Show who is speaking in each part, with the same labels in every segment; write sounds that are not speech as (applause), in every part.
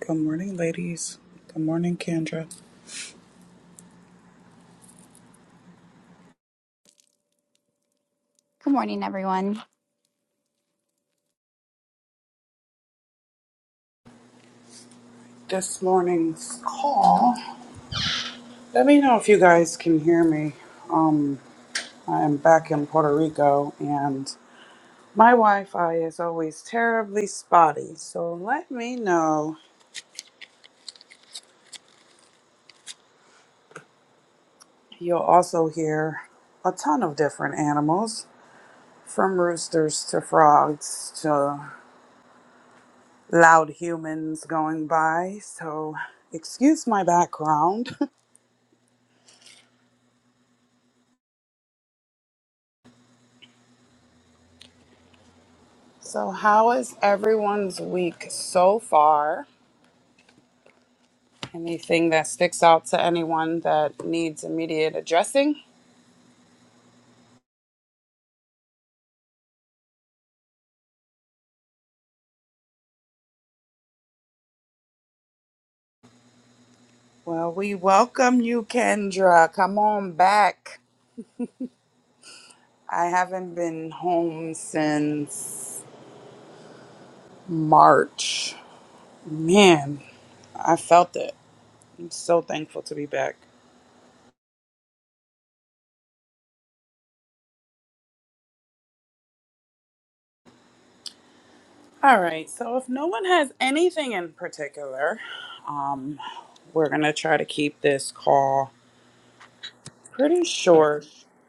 Speaker 1: Good morning, ladies. Good morning, Kendra.
Speaker 2: Good morning, everyone.
Speaker 1: This morning's call. Let me know if you guys can hear me. Um, I am back in Puerto Rico and my Wi Fi is always terribly spotty. So let me know. You'll also hear a ton of different animals from roosters to frogs to loud humans going by. So excuse my background. (laughs) So, how is everyone's week so far? Anything that sticks out to anyone that needs immediate addressing? Well, we welcome you, Kendra. Come on back. I haven't been home since March. Man, I felt it. I'm so thankful to be back. All right, so if no one has anything in particular, um, we're going to try to keep this call pretty short.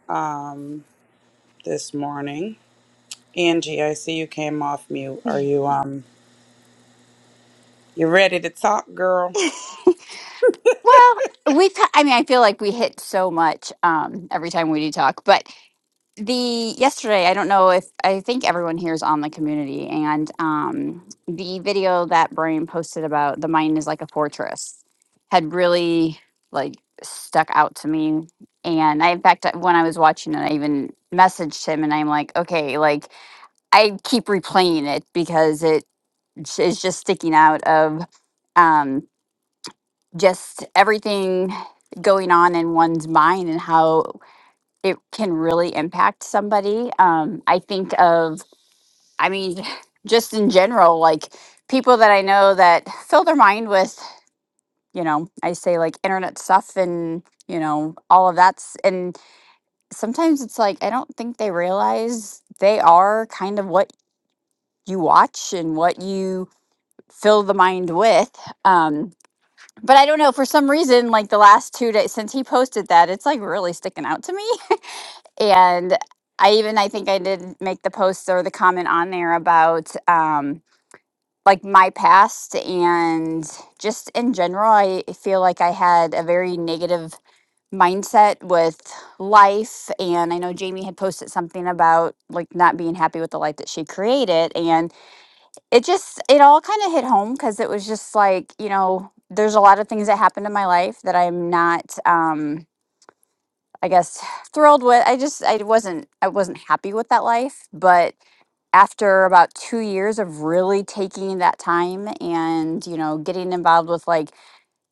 Speaker 1: Um, this morning. Angie, I see you came off mute.
Speaker 2: (laughs)
Speaker 1: Are you um you ready to talk, girl?
Speaker 2: Well, we've, I mean, I feel like we hit so much um, every time we do talk, but the yesterday, I don't know if I think everyone here is on the community and um, the video that Brian posted about the mind is like a fortress had really like stuck out to me. And I, in fact, when I was watching it, I even messaged him and I'm like, okay, like I keep replaying it because it is just sticking out of. um, just everything going on in one's mind and how it can really impact somebody. Um, I think of, I mean, (laughs) just in general, like people that I know that fill their mind with, you know, I say like internet stuff and, you know, all of that's, and sometimes it's like, I don't think they realize they are kind of what you watch and what you fill the mind with. Um, But I don't know, for some reason, like the last two days since he posted that, it's like really sticking out to me. (laughs) And I even I think I did make the post or the comment on there about um like my past and just in general, I feel like I had a very negative mindset with life. And I know Jamie had posted something about like not being happy with the life that she created it just it all kind of hit home because it was just like you know there's a lot of things that happened in my life that i'm not um i guess (sighs) thrilled with i just i wasn't i wasn't happy with that life but after about two years of really taking that time and you know getting involved with like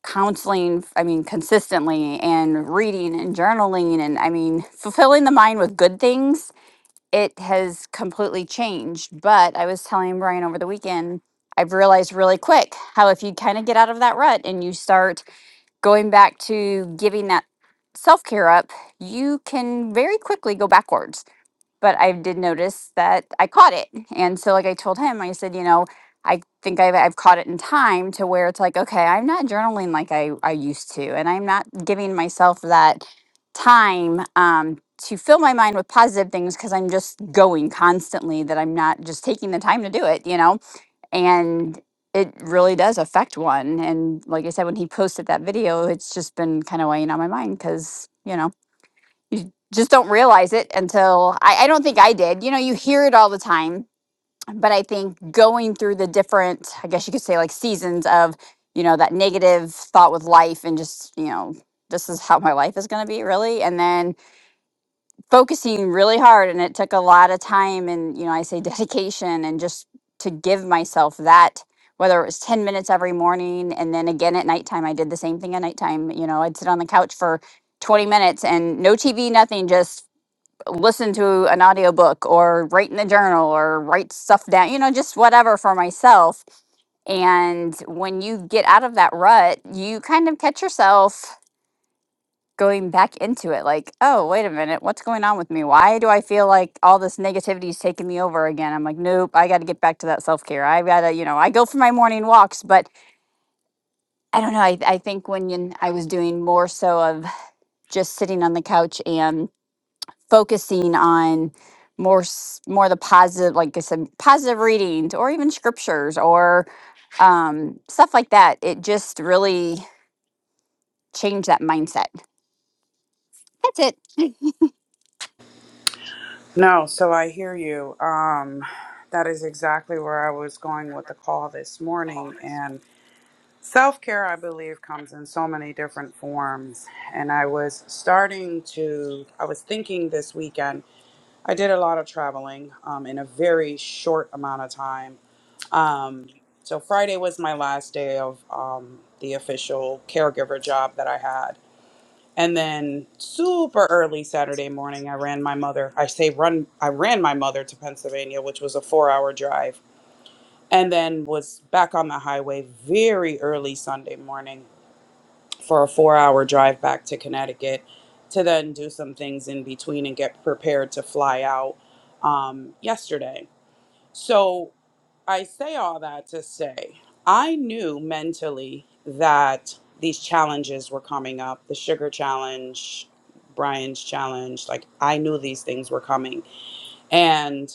Speaker 2: counseling i mean consistently and reading and journaling and i mean fulfilling the mind with good things it has completely changed. But I was telling Brian over the weekend, I've realized really quick how if you kind of get out of that rut and you start going back to giving that self care up, you can very quickly go backwards but I did notice that I caught it. And so like I told him, I said, you know, I think I've, I've caught it in time to where it's like, okay, I'm not journaling like I, I used to, and I'm not giving myself that time um, to fill my mind with positive things because I'm just going constantly that I'm not just taking the time to do it, you know? And it really does affect one. And like I said, when he posted that video, it's just been kind of weighing on my mind because, you know, you just don't realize it until I, I don't think I did. You know, you hear it all the time, but I think going through the different, I guess you could say like seasons of, you know, that negative thought with life and just, you know, this is how my life is going to be really. And then focusing really hard. And it took a lot of time and, you know, I say (laughs) dedication and just to give myself that. Whether it was 10 minutes every morning and then again at nighttime, I did the same thing at nighttime. You know, I'd sit on the couch for 20 minutes and no TV, nothing, just listen to an audiobook or write in a journal or write stuff down, you know, just whatever for myself. And when you get out of that rut, you kind of catch yourself going back into it like, oh, wait a minute, what's going on with me? Why do I feel like all this negativity is taking me over again? I'm like, nope, I got to get back to that self care. I got to, you know, I go for my morning walks, but I don't know. I, I think when you, I was doing more so of just sitting on the couch and focusing on more s- more the positive like i said positive readings or even scriptures or um stuff like that it just really changed that mindset that's it
Speaker 1: No, so I hear you. Um that is exactly where I was going with the call this morning and self-care I believe comes in so many different forms and I was starting to I was thinking this weekend I did a lot of traveling um, in a very short amount of time. Um, so Friday was my last day of um, the official caregiver job that I had. And then super early Saturday morning, I ran my mother. I say run, I ran my mother to Pennsylvania, which was a four hour drive, and then was back on the highway very early Sunday morning for a four hour drive back to Connecticut to then do some things in between and get prepared to fly out um, yesterday. So I say all that to say I knew mentally that these challenges were coming up the sugar challenge, Brian's challenge. Like, I knew these things were coming. And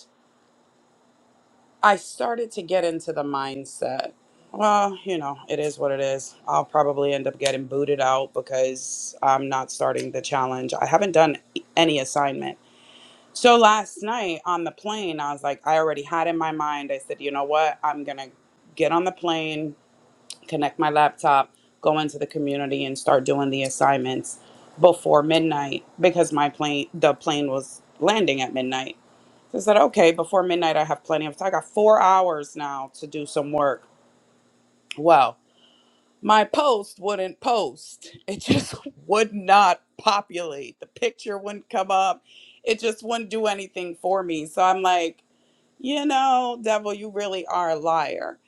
Speaker 1: I started to get into the mindset well, you know, it is what it is. I'll probably end up getting booted out because I'm not starting the challenge. I haven't done any assignment. So last night on the plane, I was like, I already had in my mind, I said, you know what? I'm going to get on the plane connect my laptop, go into the community and start doing the assignments before midnight because my plane the plane was landing at midnight. So I said, okay, before midnight I have plenty of time. I got four hours now to do some work. Well, my post wouldn't post. It just (laughs) would not populate. The picture wouldn't come up. It just wouldn't do anything for me. So I'm like, you know, devil, you really are a liar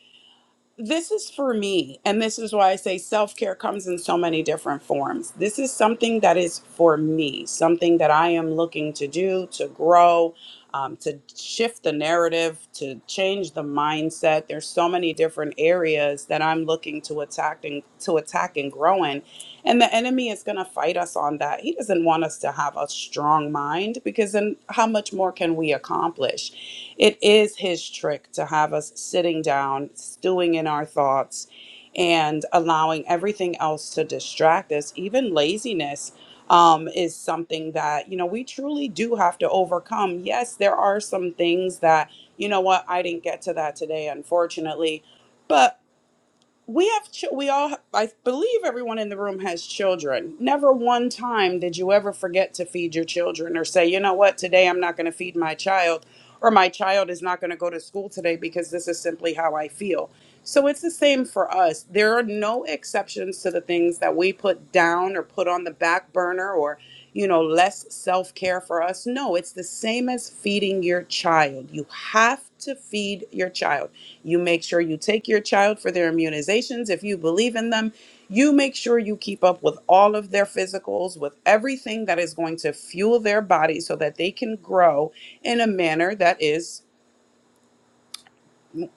Speaker 1: this is for me and this is why i say self-care comes in so many different forms this is something that is for me something that i am looking to do to grow um, to shift the narrative to change the mindset there's so many different areas that i'm looking to attack and to attack and grow in and the enemy is going to fight us on that. He doesn't want us to have a strong mind because then how much more can we accomplish? It is his trick to have us sitting down, stewing in our thoughts, and allowing everything else to distract us. Even laziness um, is something that, you know, we truly do have to overcome. Yes, there are some things that, you know what, I didn't get to that today, unfortunately. but we have ch- we all i believe everyone in the room has children never one time did you ever forget to feed your children or say you know what today i'm not going to feed my child or my child is not going to go to school today because this is simply how i feel so it's the same for us there are no exceptions to the things that we put down or put on the back burner or you know less self-care for us no it's the same as feeding your child you have to feed your child you make sure you take your child for their immunizations if you believe in them. You make sure you keep up with all of their physicals, with everything that is going to fuel their body so that they can grow in a manner that is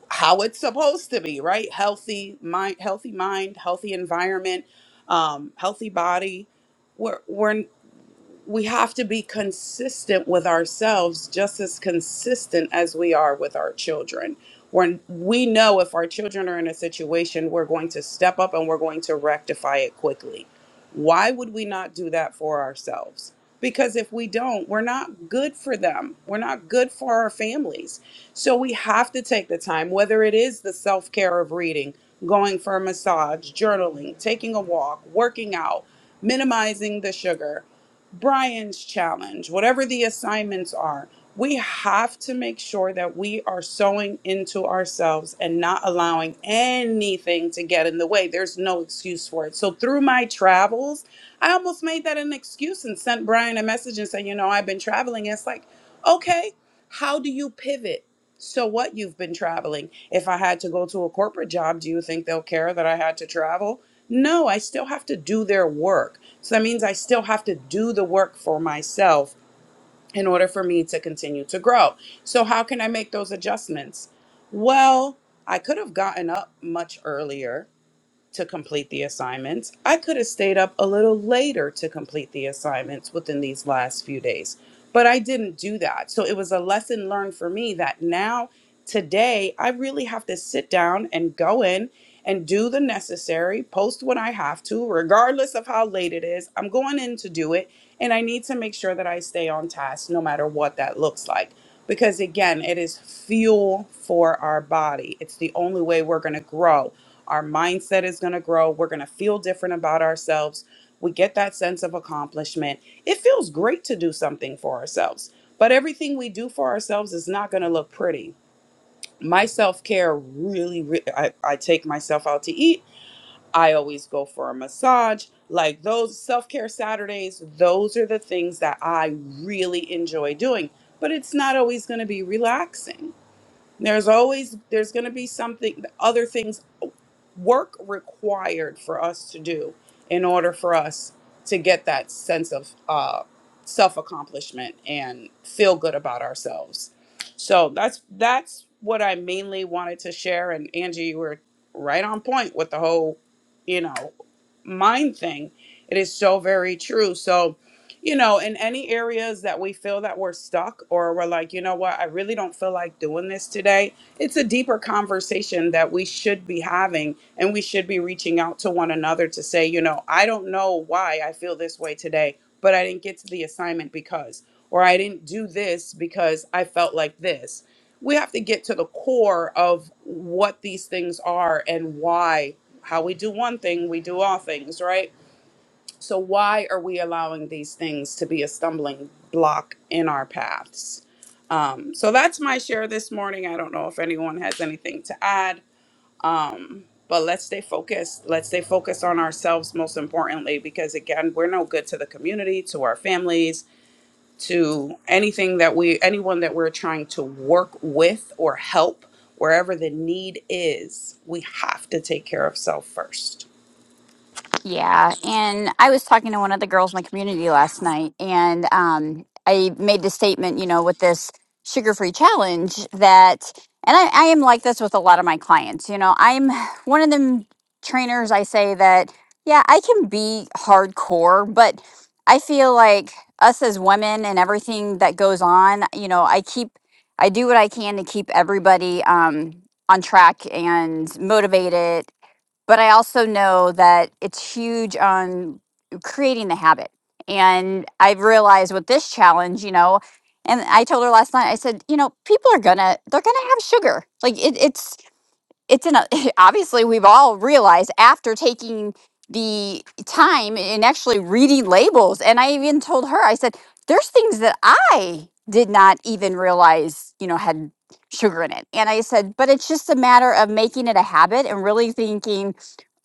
Speaker 1: how it's supposed to be, right? Healthy mind, healthy mind, healthy environment, um, healthy body. We're we're we have to be consistent with ourselves just as consistent as we are with our children when we know if our children are in a situation we're going to step up and we're going to rectify it quickly why would we not do that for ourselves because if we don't we're not good for them we're not good for our families so we have to take the time whether it is the self-care of reading going for a massage journaling taking a walk working out minimizing the sugar Brian's challenge, whatever the assignments are, we have to make sure that we are sewing into ourselves and not allowing anything to get in the way. There's no excuse for it. So, through my travels, I almost made that an excuse and sent Brian a message and said, You know, I've been traveling. It's like, okay, how do you pivot? So, what you've been traveling? If I had to go to a corporate job, do you think they'll care that I had to travel? No, I still have to do their work. So that means I still have to do the work for myself in order for me to continue to grow. So, how can I make those adjustments? Well, I could have gotten up much earlier to complete the assignments. I could have stayed up a little later to complete the assignments within these last few days, but I didn't do that. So it was a lesson learned for me that now, today, I really have to sit down and go in and do the necessary, post what I have to, regardless of how late it is. I'm going in to do it, and I need to make sure that I stay on task no matter what that looks like. Because again, it is fuel for our body. It's the only way we're going to grow our mindset is going to grow. We're going to feel different about ourselves. We get that sense of accomplishment. It feels great to do something for ourselves, but everything we do for ourselves is not going to look pretty. My self care really, re- I, I take myself out to eat. I always go for a massage. Like those self care Saturdays, those are the things that I really enjoy doing, but it's not always going to be relaxing there's always there's going to be something other things work required for us to do in order for us to get that sense of uh, self accomplishment and feel good about ourselves. So that's that's what I mainly wanted to share. And Angie, you were right on point with the whole, you know, mind thing. It is so very true. So you know, in any areas that we feel that we're stuck or we're like, you know what, I really don't feel like doing this today, it's a deeper conversation that we should be having and we should be reaching out to one another to say, you know, I don't know why I feel this way today, but I didn't get to the assignment because, or I didn't do this because I felt like this. We have to get to the core of what these things are and why, how we do one thing, we do all things, right? So, why are we allowing these things to be a stumbling block in our paths? Um, so, that's my share this morning. I don't know if anyone has anything to add, um, but let's stay focused. Let's stay focused on ourselves, most importantly, because again, we're no good to the community, to our families, to anything that we, anyone that we're trying to work with or help, wherever the need is. We have to take care of self first.
Speaker 2: Yeah, and I was talking to one of the girls in the community last night, and um, I made the statement, you know, with this sugar-free challenge that, and I, I am like this with a lot of my clients. You know, I'm one of them trainers. I say that, yeah, I can be hardcore, but I feel like us as women and everything that goes on, you know, I keep, I do what I can to keep everybody um, on track and motivated but I also know that it's huge on creating the habit. And I've realized with this challenge, you know, and I told her last night, I said, you know, people are gonna, they're gonna have sugar. Like it, it's, it's in a, (laughs) obviously we've all realized after taking the time and actually reading labels. And I even told her, I said, there's things that I did not even realize, you know, had sugar in it. And I said, but it's just a matter of making it a habit and really thinking,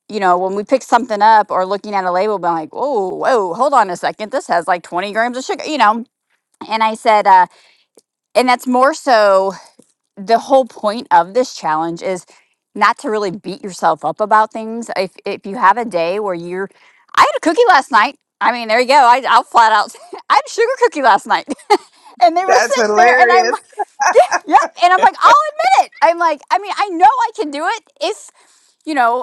Speaker 2: you know, when we pick something up or looking at a label, be like, whoa, whoa, hold on a second. This has like 20 grams of sugar, you know? And I said, uh, and that's more so the whole point of this challenge is not to really beat yourself up about things. If, if you have a day where you're, I had a cookie last night. I mean, there you go. I, I'll flat out, (laughs) I had a sugar cookie last night (laughs) and they were
Speaker 1: That's
Speaker 2: sitting there and I'm
Speaker 1: hilarious.
Speaker 2: like, yep. And I'm like, I'll admit it. I'm like, I mean, I know I can do it if, you know,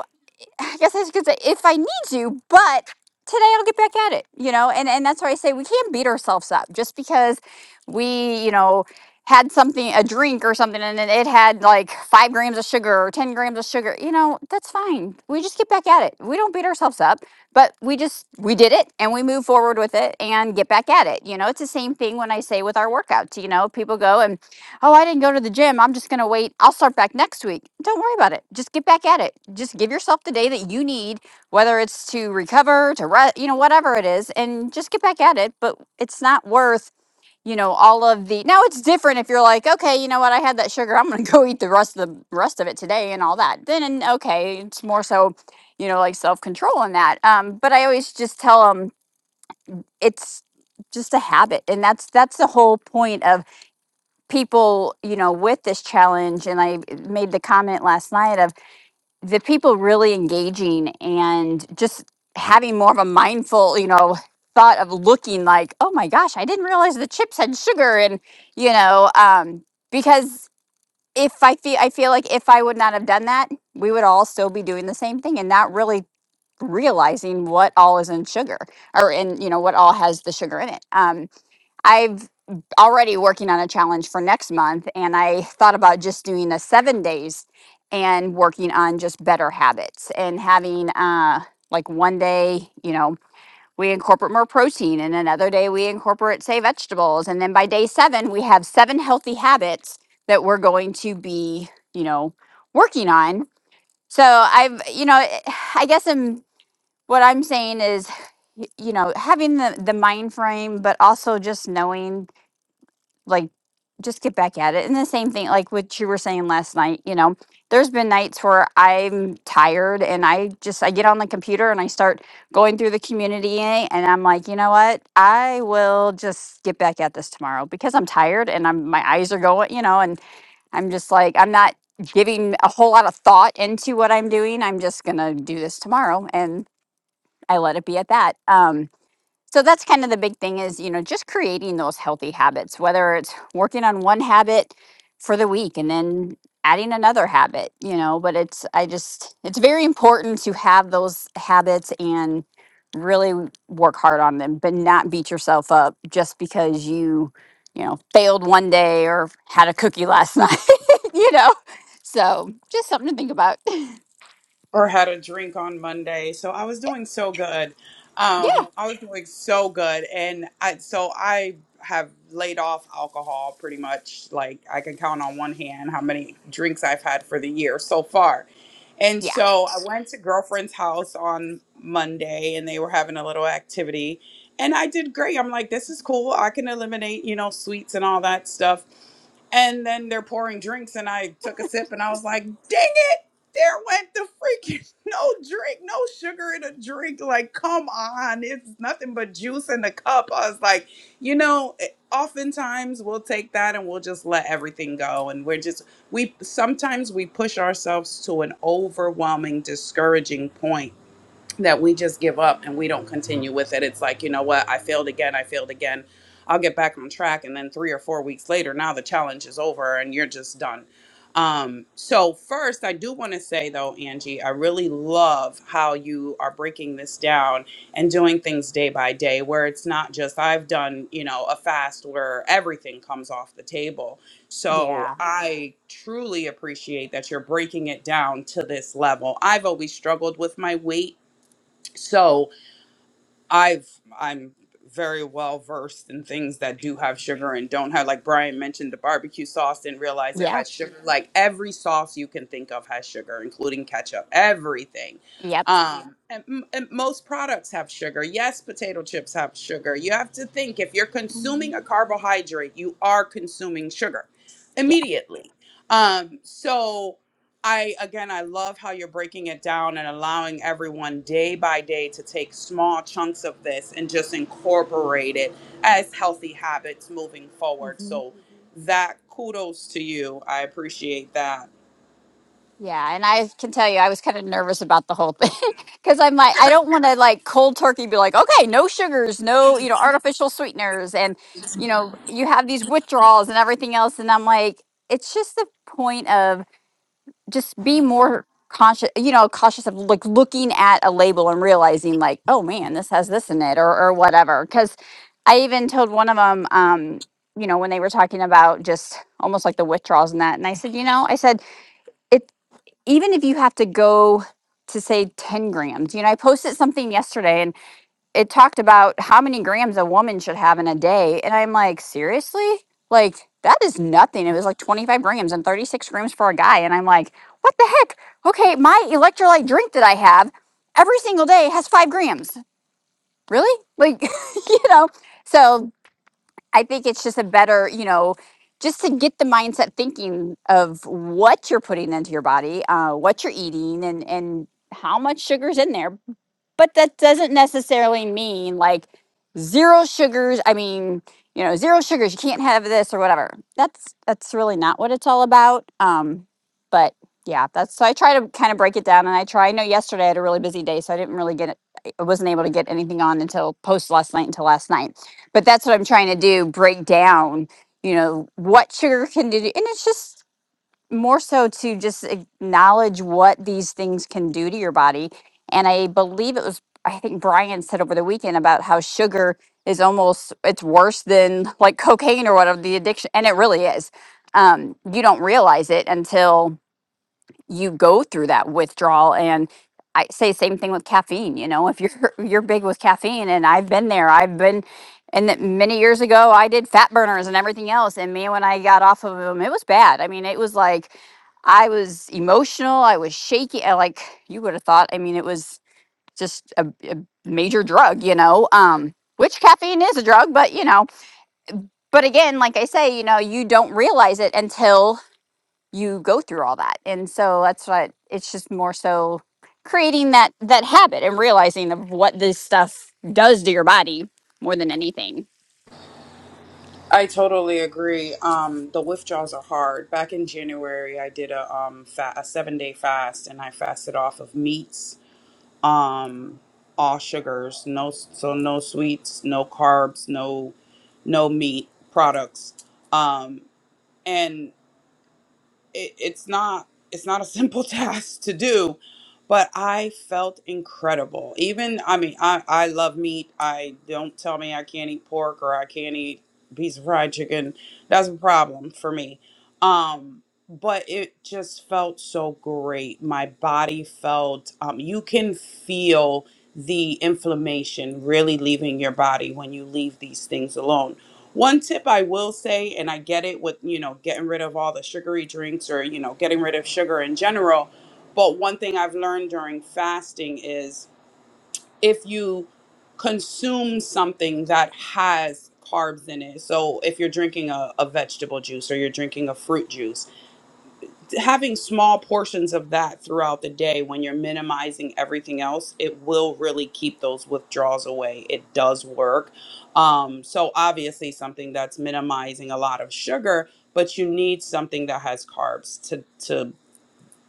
Speaker 2: I guess I could say if I need you, but today I'll get back at it, you know, and, and that's why I say we can't beat ourselves up just because we, you know, had something, a drink or something, and then it had like five grams of sugar or 10 grams of sugar, you know, that's fine. We just get back at it. We don't beat ourselves up, but we just, we did it and we move forward with it and get back at it. You know, it's the same thing when I say with our workouts, you know, people go and Oh, I didn't go to the gym. I'm just going to wait. I'll start back next week. Don't worry about it. Just get back at it. Just give yourself the day that you need, whether it's to recover, to rest, you know, whatever it is, and just get back at it. But it's not worth, you know, all of the. Now it's different if you're like, okay, you know what? I had that sugar. I'm going to (laughs) go eat the rest of the rest of it today and all that. Then, and okay, it's more so, you know, like self control in that. Um, but I always just tell them it's just a habit and that's that's the whole point of people, you know, with this challenge. And I made the comment last night of the people really engaging and just having more of a mindful, you know, thought of looking like, oh my gosh, I didn't realize the chips had sugar. And, you know, um, because if I feel, I feel like if I would not have done that, we would all still be doing the same thing and not really realizing what all is in sugar or in, you know, what all has the sugar in it. Um, I've already working on a challenge for next month, and I thought about just doing a seven days and working on just better habits and having uh, like one day, you know, we incorporate more protein, and another day we incorporate, say, vegetables. And then by day seven, we have seven healthy habits that we're going to be, you know, working on. So I've, you know, (sighs) I guess I'm, what I'm saying is, y- you know, having the, the mind frame, but also just knowing like just get back at it. And the same thing, like what you were saying last night, you know, there's been nights where I'm tired and I just I get on the computer and I start going through the community and I'm like, you know what? I will just get back at this tomorrow because I'm tired and I'm my eyes are going, you know, and I'm just like I'm not giving a whole lot of thought into what I'm doing. I'm just gonna do this tomorrow and I let it be at that. Um so that's kind of the big thing is, you know, just creating those healthy habits, whether it's working on one habit for the week and then adding another habit, you know, but it's, I just, it's very important to have those habits and really w- work hard on them, but not beat yourself up just because you, you know, failed one day or had a cookie last (laughs) night, you know? So just something to think about. (laughs)
Speaker 1: or had a drink on Monday. So I was doing so good.
Speaker 2: Yeah.
Speaker 1: Um, I was doing so good, and I so I have laid off alcohol pretty much. Like I can count on one hand how many drinks I've had for the year so far. And
Speaker 2: Yeah.
Speaker 1: so I went to girlfriend's house on Monday, and they were having a little activity, and I did great. I'm like, this is cool. I can eliminate, you know, sweets and all that stuff and then they're pouring drinks, and I took a sip, and I was like, "Dang it! There went the freaking (laughs) no drink, no sugar in a drink. Like, come on, it's nothing but juice in the cup." I was like, you know, it- oftentimes we'll take that and we'll just let everything go, and we're just we sometimes we push ourselves to an overwhelming, discouraging point that we just give up and we don't continue with it. It's like, you know what? I failed again. I failed again. I'll get back on track. And then three or four weeks later, now the challenge is over and you're just done. Um, so, first, I do want to say though, Angie, I really love how you are breaking this down and doing things day by day, where it's not just I've done, you know, a fast where everything comes off the table. So,
Speaker 2: Yeah.
Speaker 1: I truly appreciate that you're breaking it down to this level. I've always struggled with my weight so i've i'm very well versed in things that do have sugar and don't have like brian mentioned the barbecue sauce didn't realize it
Speaker 2: Yeah.
Speaker 1: has sugar like every sauce you can think of has sugar including ketchup everything
Speaker 2: Yep.
Speaker 1: um and, m- and most products have sugar yes potato chips have sugar you have to think if you're consuming
Speaker 2: Mhm.
Speaker 1: a carbohydrate you are consuming sugar immediately um so I again, I love how you're breaking it down and allowing everyone day by day to take small chunks of this and just incorporate it as healthy habits moving forward.
Speaker 2: Yeah.
Speaker 1: So that kudos to you. I appreciate that.
Speaker 2: Yeah, and I can tell you, I was kind of nervous about the whole thing (laughs) because I'm like, I don't want to like cold turkey be like, okay, no sugars, no, you know, artificial sweeteners, and you know, you have these withdrawals and everything else, and I'm like, it's just the point of just be more conscious, you know, cautious of like looking at a label and realizing like, oh man, this has this in it or or whatever. Because I even told one of them, um, you know, when they were talking about just almost like the withdrawals and that, and I said, you know, I said even if you have to go to say 10 grams, you know, I posted something yesterday and it talked about how many grams a woman should have in a day. And I'm like, seriously? Like, that is nothing. It was like 25 grams and 36 grams for a guy. And I'm like, what the heck? Okay, my electrolyte drink that I have every single day has five grams. Really? Like, (laughs) you know, so I think it's just a better, you know, just to get the mindset thinking of what you're putting into your body, uh, what you're eating, and and how much sugar's in there but that doesn't necessarily mean like zero sugars i mean you know zero sugars you can't have this or whatever that's that's really not what it's all about um but yeah that's so i try to kind of break it down and i try i know yesterday i had a really busy day so i didn't really get it i wasn't able to get anything on until post last night until last night but that's what i'm trying to do break down you know what sugar can do and it's just more so to just acknowledge what these things can do to your body. And I believe it was, I think Brian said over the weekend about how sugar is almost, it's worse than like cocaine or whatever the addiction. And it really is. Um, you don't realize it until you go through that withdrawal and i say same thing with caffeine you know if you're (laughs) you're big with caffeine and i've been there i've been and that many years ago i did fat burners and everything else and man, when i got off of them it was bad i mean it was like i was emotional i was shaky I, like you would have thought i mean it was just a, a major drug you know um which caffeine is a drug but you know but again like i say you know you don't realize it until you go through all that and so that's what it's just more so creating that that habit and realizing of what this stuff does to your body more than anything
Speaker 1: I totally agree. Um, the withdrawals are hard. Back in January, I did a um, fa- a seven day fast, and I fasted off of meats um all sugars no so no sweets no carbs no no meat products um and it, it's not it's not a simple (laughs) task to do but i felt incredible even i mean i i love meat i don't tell me i can't eat pork or i can't eat a piece of fried chicken that's a problem for me um but it just felt so great my body felt um you can feel the inflammation really leaving your body when you leave these things alone one tip I will say, and I get it with, you know, getting rid of all the sugary drinks or, you know, getting rid of sugar in general. But one thing I've learned during fasting is if you consume something that has carbs in it, so if you're drinking a, a vegetable juice or you're drinking a fruit juice, having small portions of that throughout the day when you're minimizing everything else it will really keep those withdrawals away it does work um, so obviously something that's minimizing a lot of sugar but you need something that has carbs to to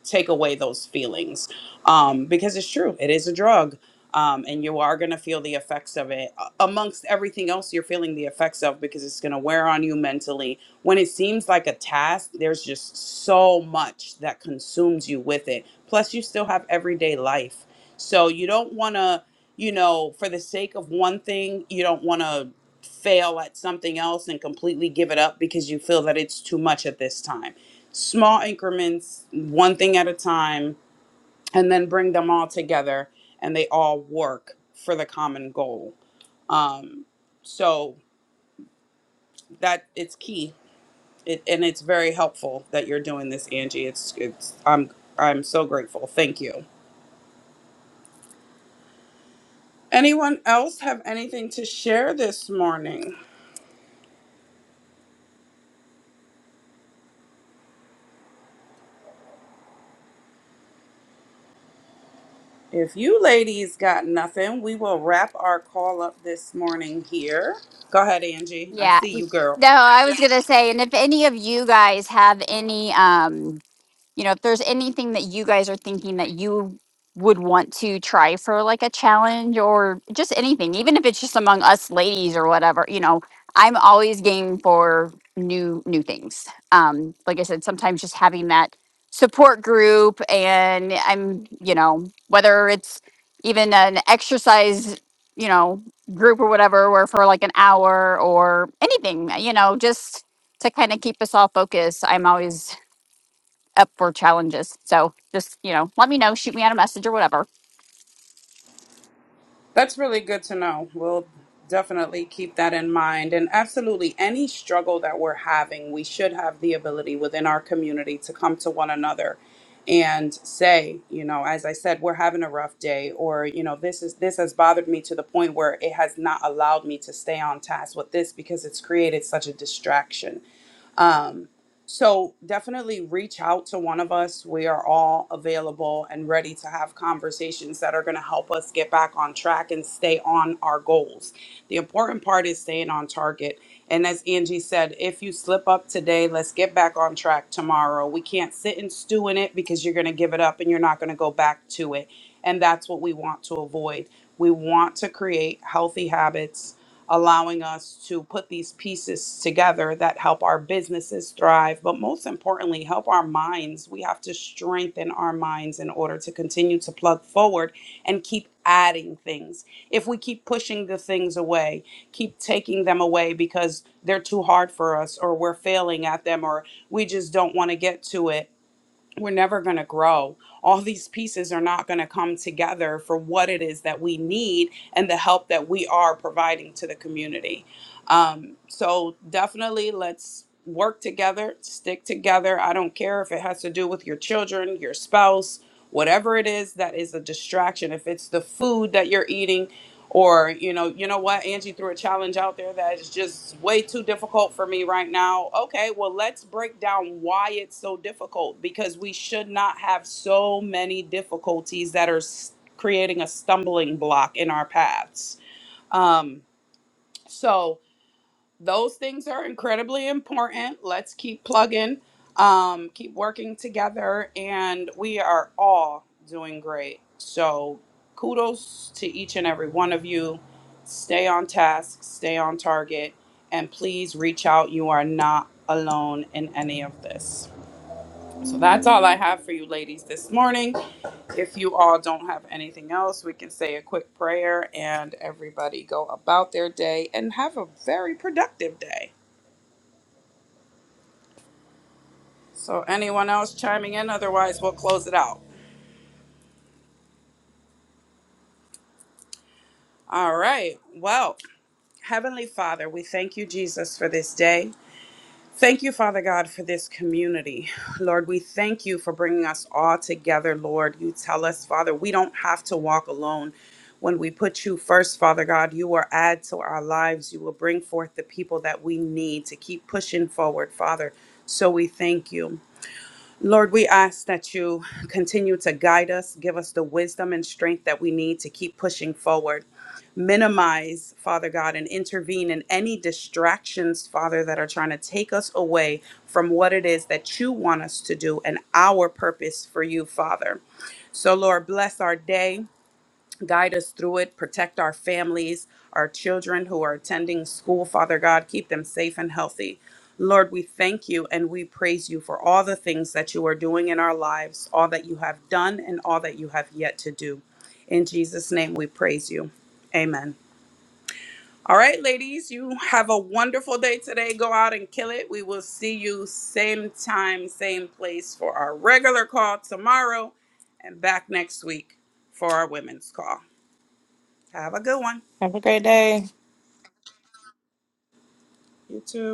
Speaker 1: take away those feelings um, because it's true it is a drug um, and you are going to feel the effects of it uh, amongst everything else you're feeling the effects of because it's going to wear on you mentally when it seems like a task there's just so much that consumes you with it plus you still have everyday life so you don't want to you know for the sake of one thing you don't want to fail at something else and completely give it up because you feel that it's too much at this time small increments, one thing at a time, and then bring them all together and they all work for the common goal. Um, so that it's key. It, and it's very helpful that you're doing this, Angie. It's it's I'm I'm so grateful. Thank you. Anyone else have anything to share this morning? If you ladies got nothing, we will wrap our call up this morning here. Go ahead, Angie. I
Speaker 2: yeah
Speaker 1: see you, girl.
Speaker 2: no i was gonna say and if any of you guys have any um you know, if there's anything that you guys are thinking that you would want to try for like a challenge or just anything, even if it's just among us ladies or whatever, you know, I'm always game for new new things. Um, like I said, sometimes just having that support group and I'm, you know, whether it's even an exercise, you know, group or whatever, where for like an hour or anything, you know, just to kind of keep us all focused. I'm always up for challenges. So just, you know, let me know, shoot me out a message or whatever.
Speaker 1: That's really good to know. We'll definitely keep that in mind. And absolutely, any struggle that we're having, we should have the ability within our community to come to one another and say, you know, as I said, we're having a rough day, or, you know, this is this has bothered me to the point where it has not allowed me to stay on task with this because it's created such a distraction. So definitely reach out to one of us. We are all available and ready to have conversations that are going to help us get back on track and stay on our goals. The important part is staying on target. And as Angie said, if you slip up today, let's get back on track tomorrow. We can't sit and stew in it because you're going to give it up and you're not going to go back to it. And that's what we want to avoid. We want to create healthy habits allowing us to put these pieces together that help our businesses thrive, but most importantly, help our minds. We have to strengthen our minds in order to continue to plug forward and keep adding things. If we keep pushing the things away, keep taking them away because they're too hard for us or we're failing at them or we just don't want to get to it we're never going to grow. All these pieces are not going to come together for what it is that we need and the help that we are providing to the community. Um, so definitely let's work together, stick together. I don't care if it has to do with your children, your spouse, whatever it is that is a distraction. If it's the food that you're eating, or you know, you know what, Angie threw a challenge out there that is just way too difficult for me right now. Okay, well let's break down why it's so difficult because we should not have so many difficulties that are s- creating a stumbling block in our paths. Um, so those things are incredibly important. Let's keep plugging, um, keep working together, and we are all doing great. So, kudos to each and every one of you. Stay on task, stay on target, and please reach out. You are not alone in any of this. So, that's all I have for you, ladies, this morning. If you all don't have anything else, we can say a quick prayer and everybody go about their day and have a very productive day. So, anyone else chiming in? Otherwise, we'll close it out. All right. Well, Heavenly Father, we thank you, Jesus, for this day. Thank you, Father God, for this community. Lord, we thank you for bringing us all together, Lord. You tell us, Father, we don't have to walk alone. When we put you first, Father God, you will add to our lives. You will bring forth the people that we need to keep pushing forward, Father. So we thank you. Lord, we ask that you continue to guide us, give us the wisdom and strength that we need to keep pushing forward. Minimize, Father God, and intervene in any distractions, Father, that are trying to take us away from what it is that you want us to do and our purpose for you, Father. So, Lord, bless our day. Guide us through it. Protect our families, our children who are attending school. Father God, keep them safe and healthy. Lord, we thank you and we praise you for all the things that you are doing in our lives, all that you have done, and all that you have yet to do. In Jesus' name, we praise you. Amen. All right, ladies, you have a wonderful day today. Go out and kill it. We will see you same time, same place for our regular call tomorrow and back next week for our women's call. Have a good one.
Speaker 3: Have a great day.
Speaker 1: You too.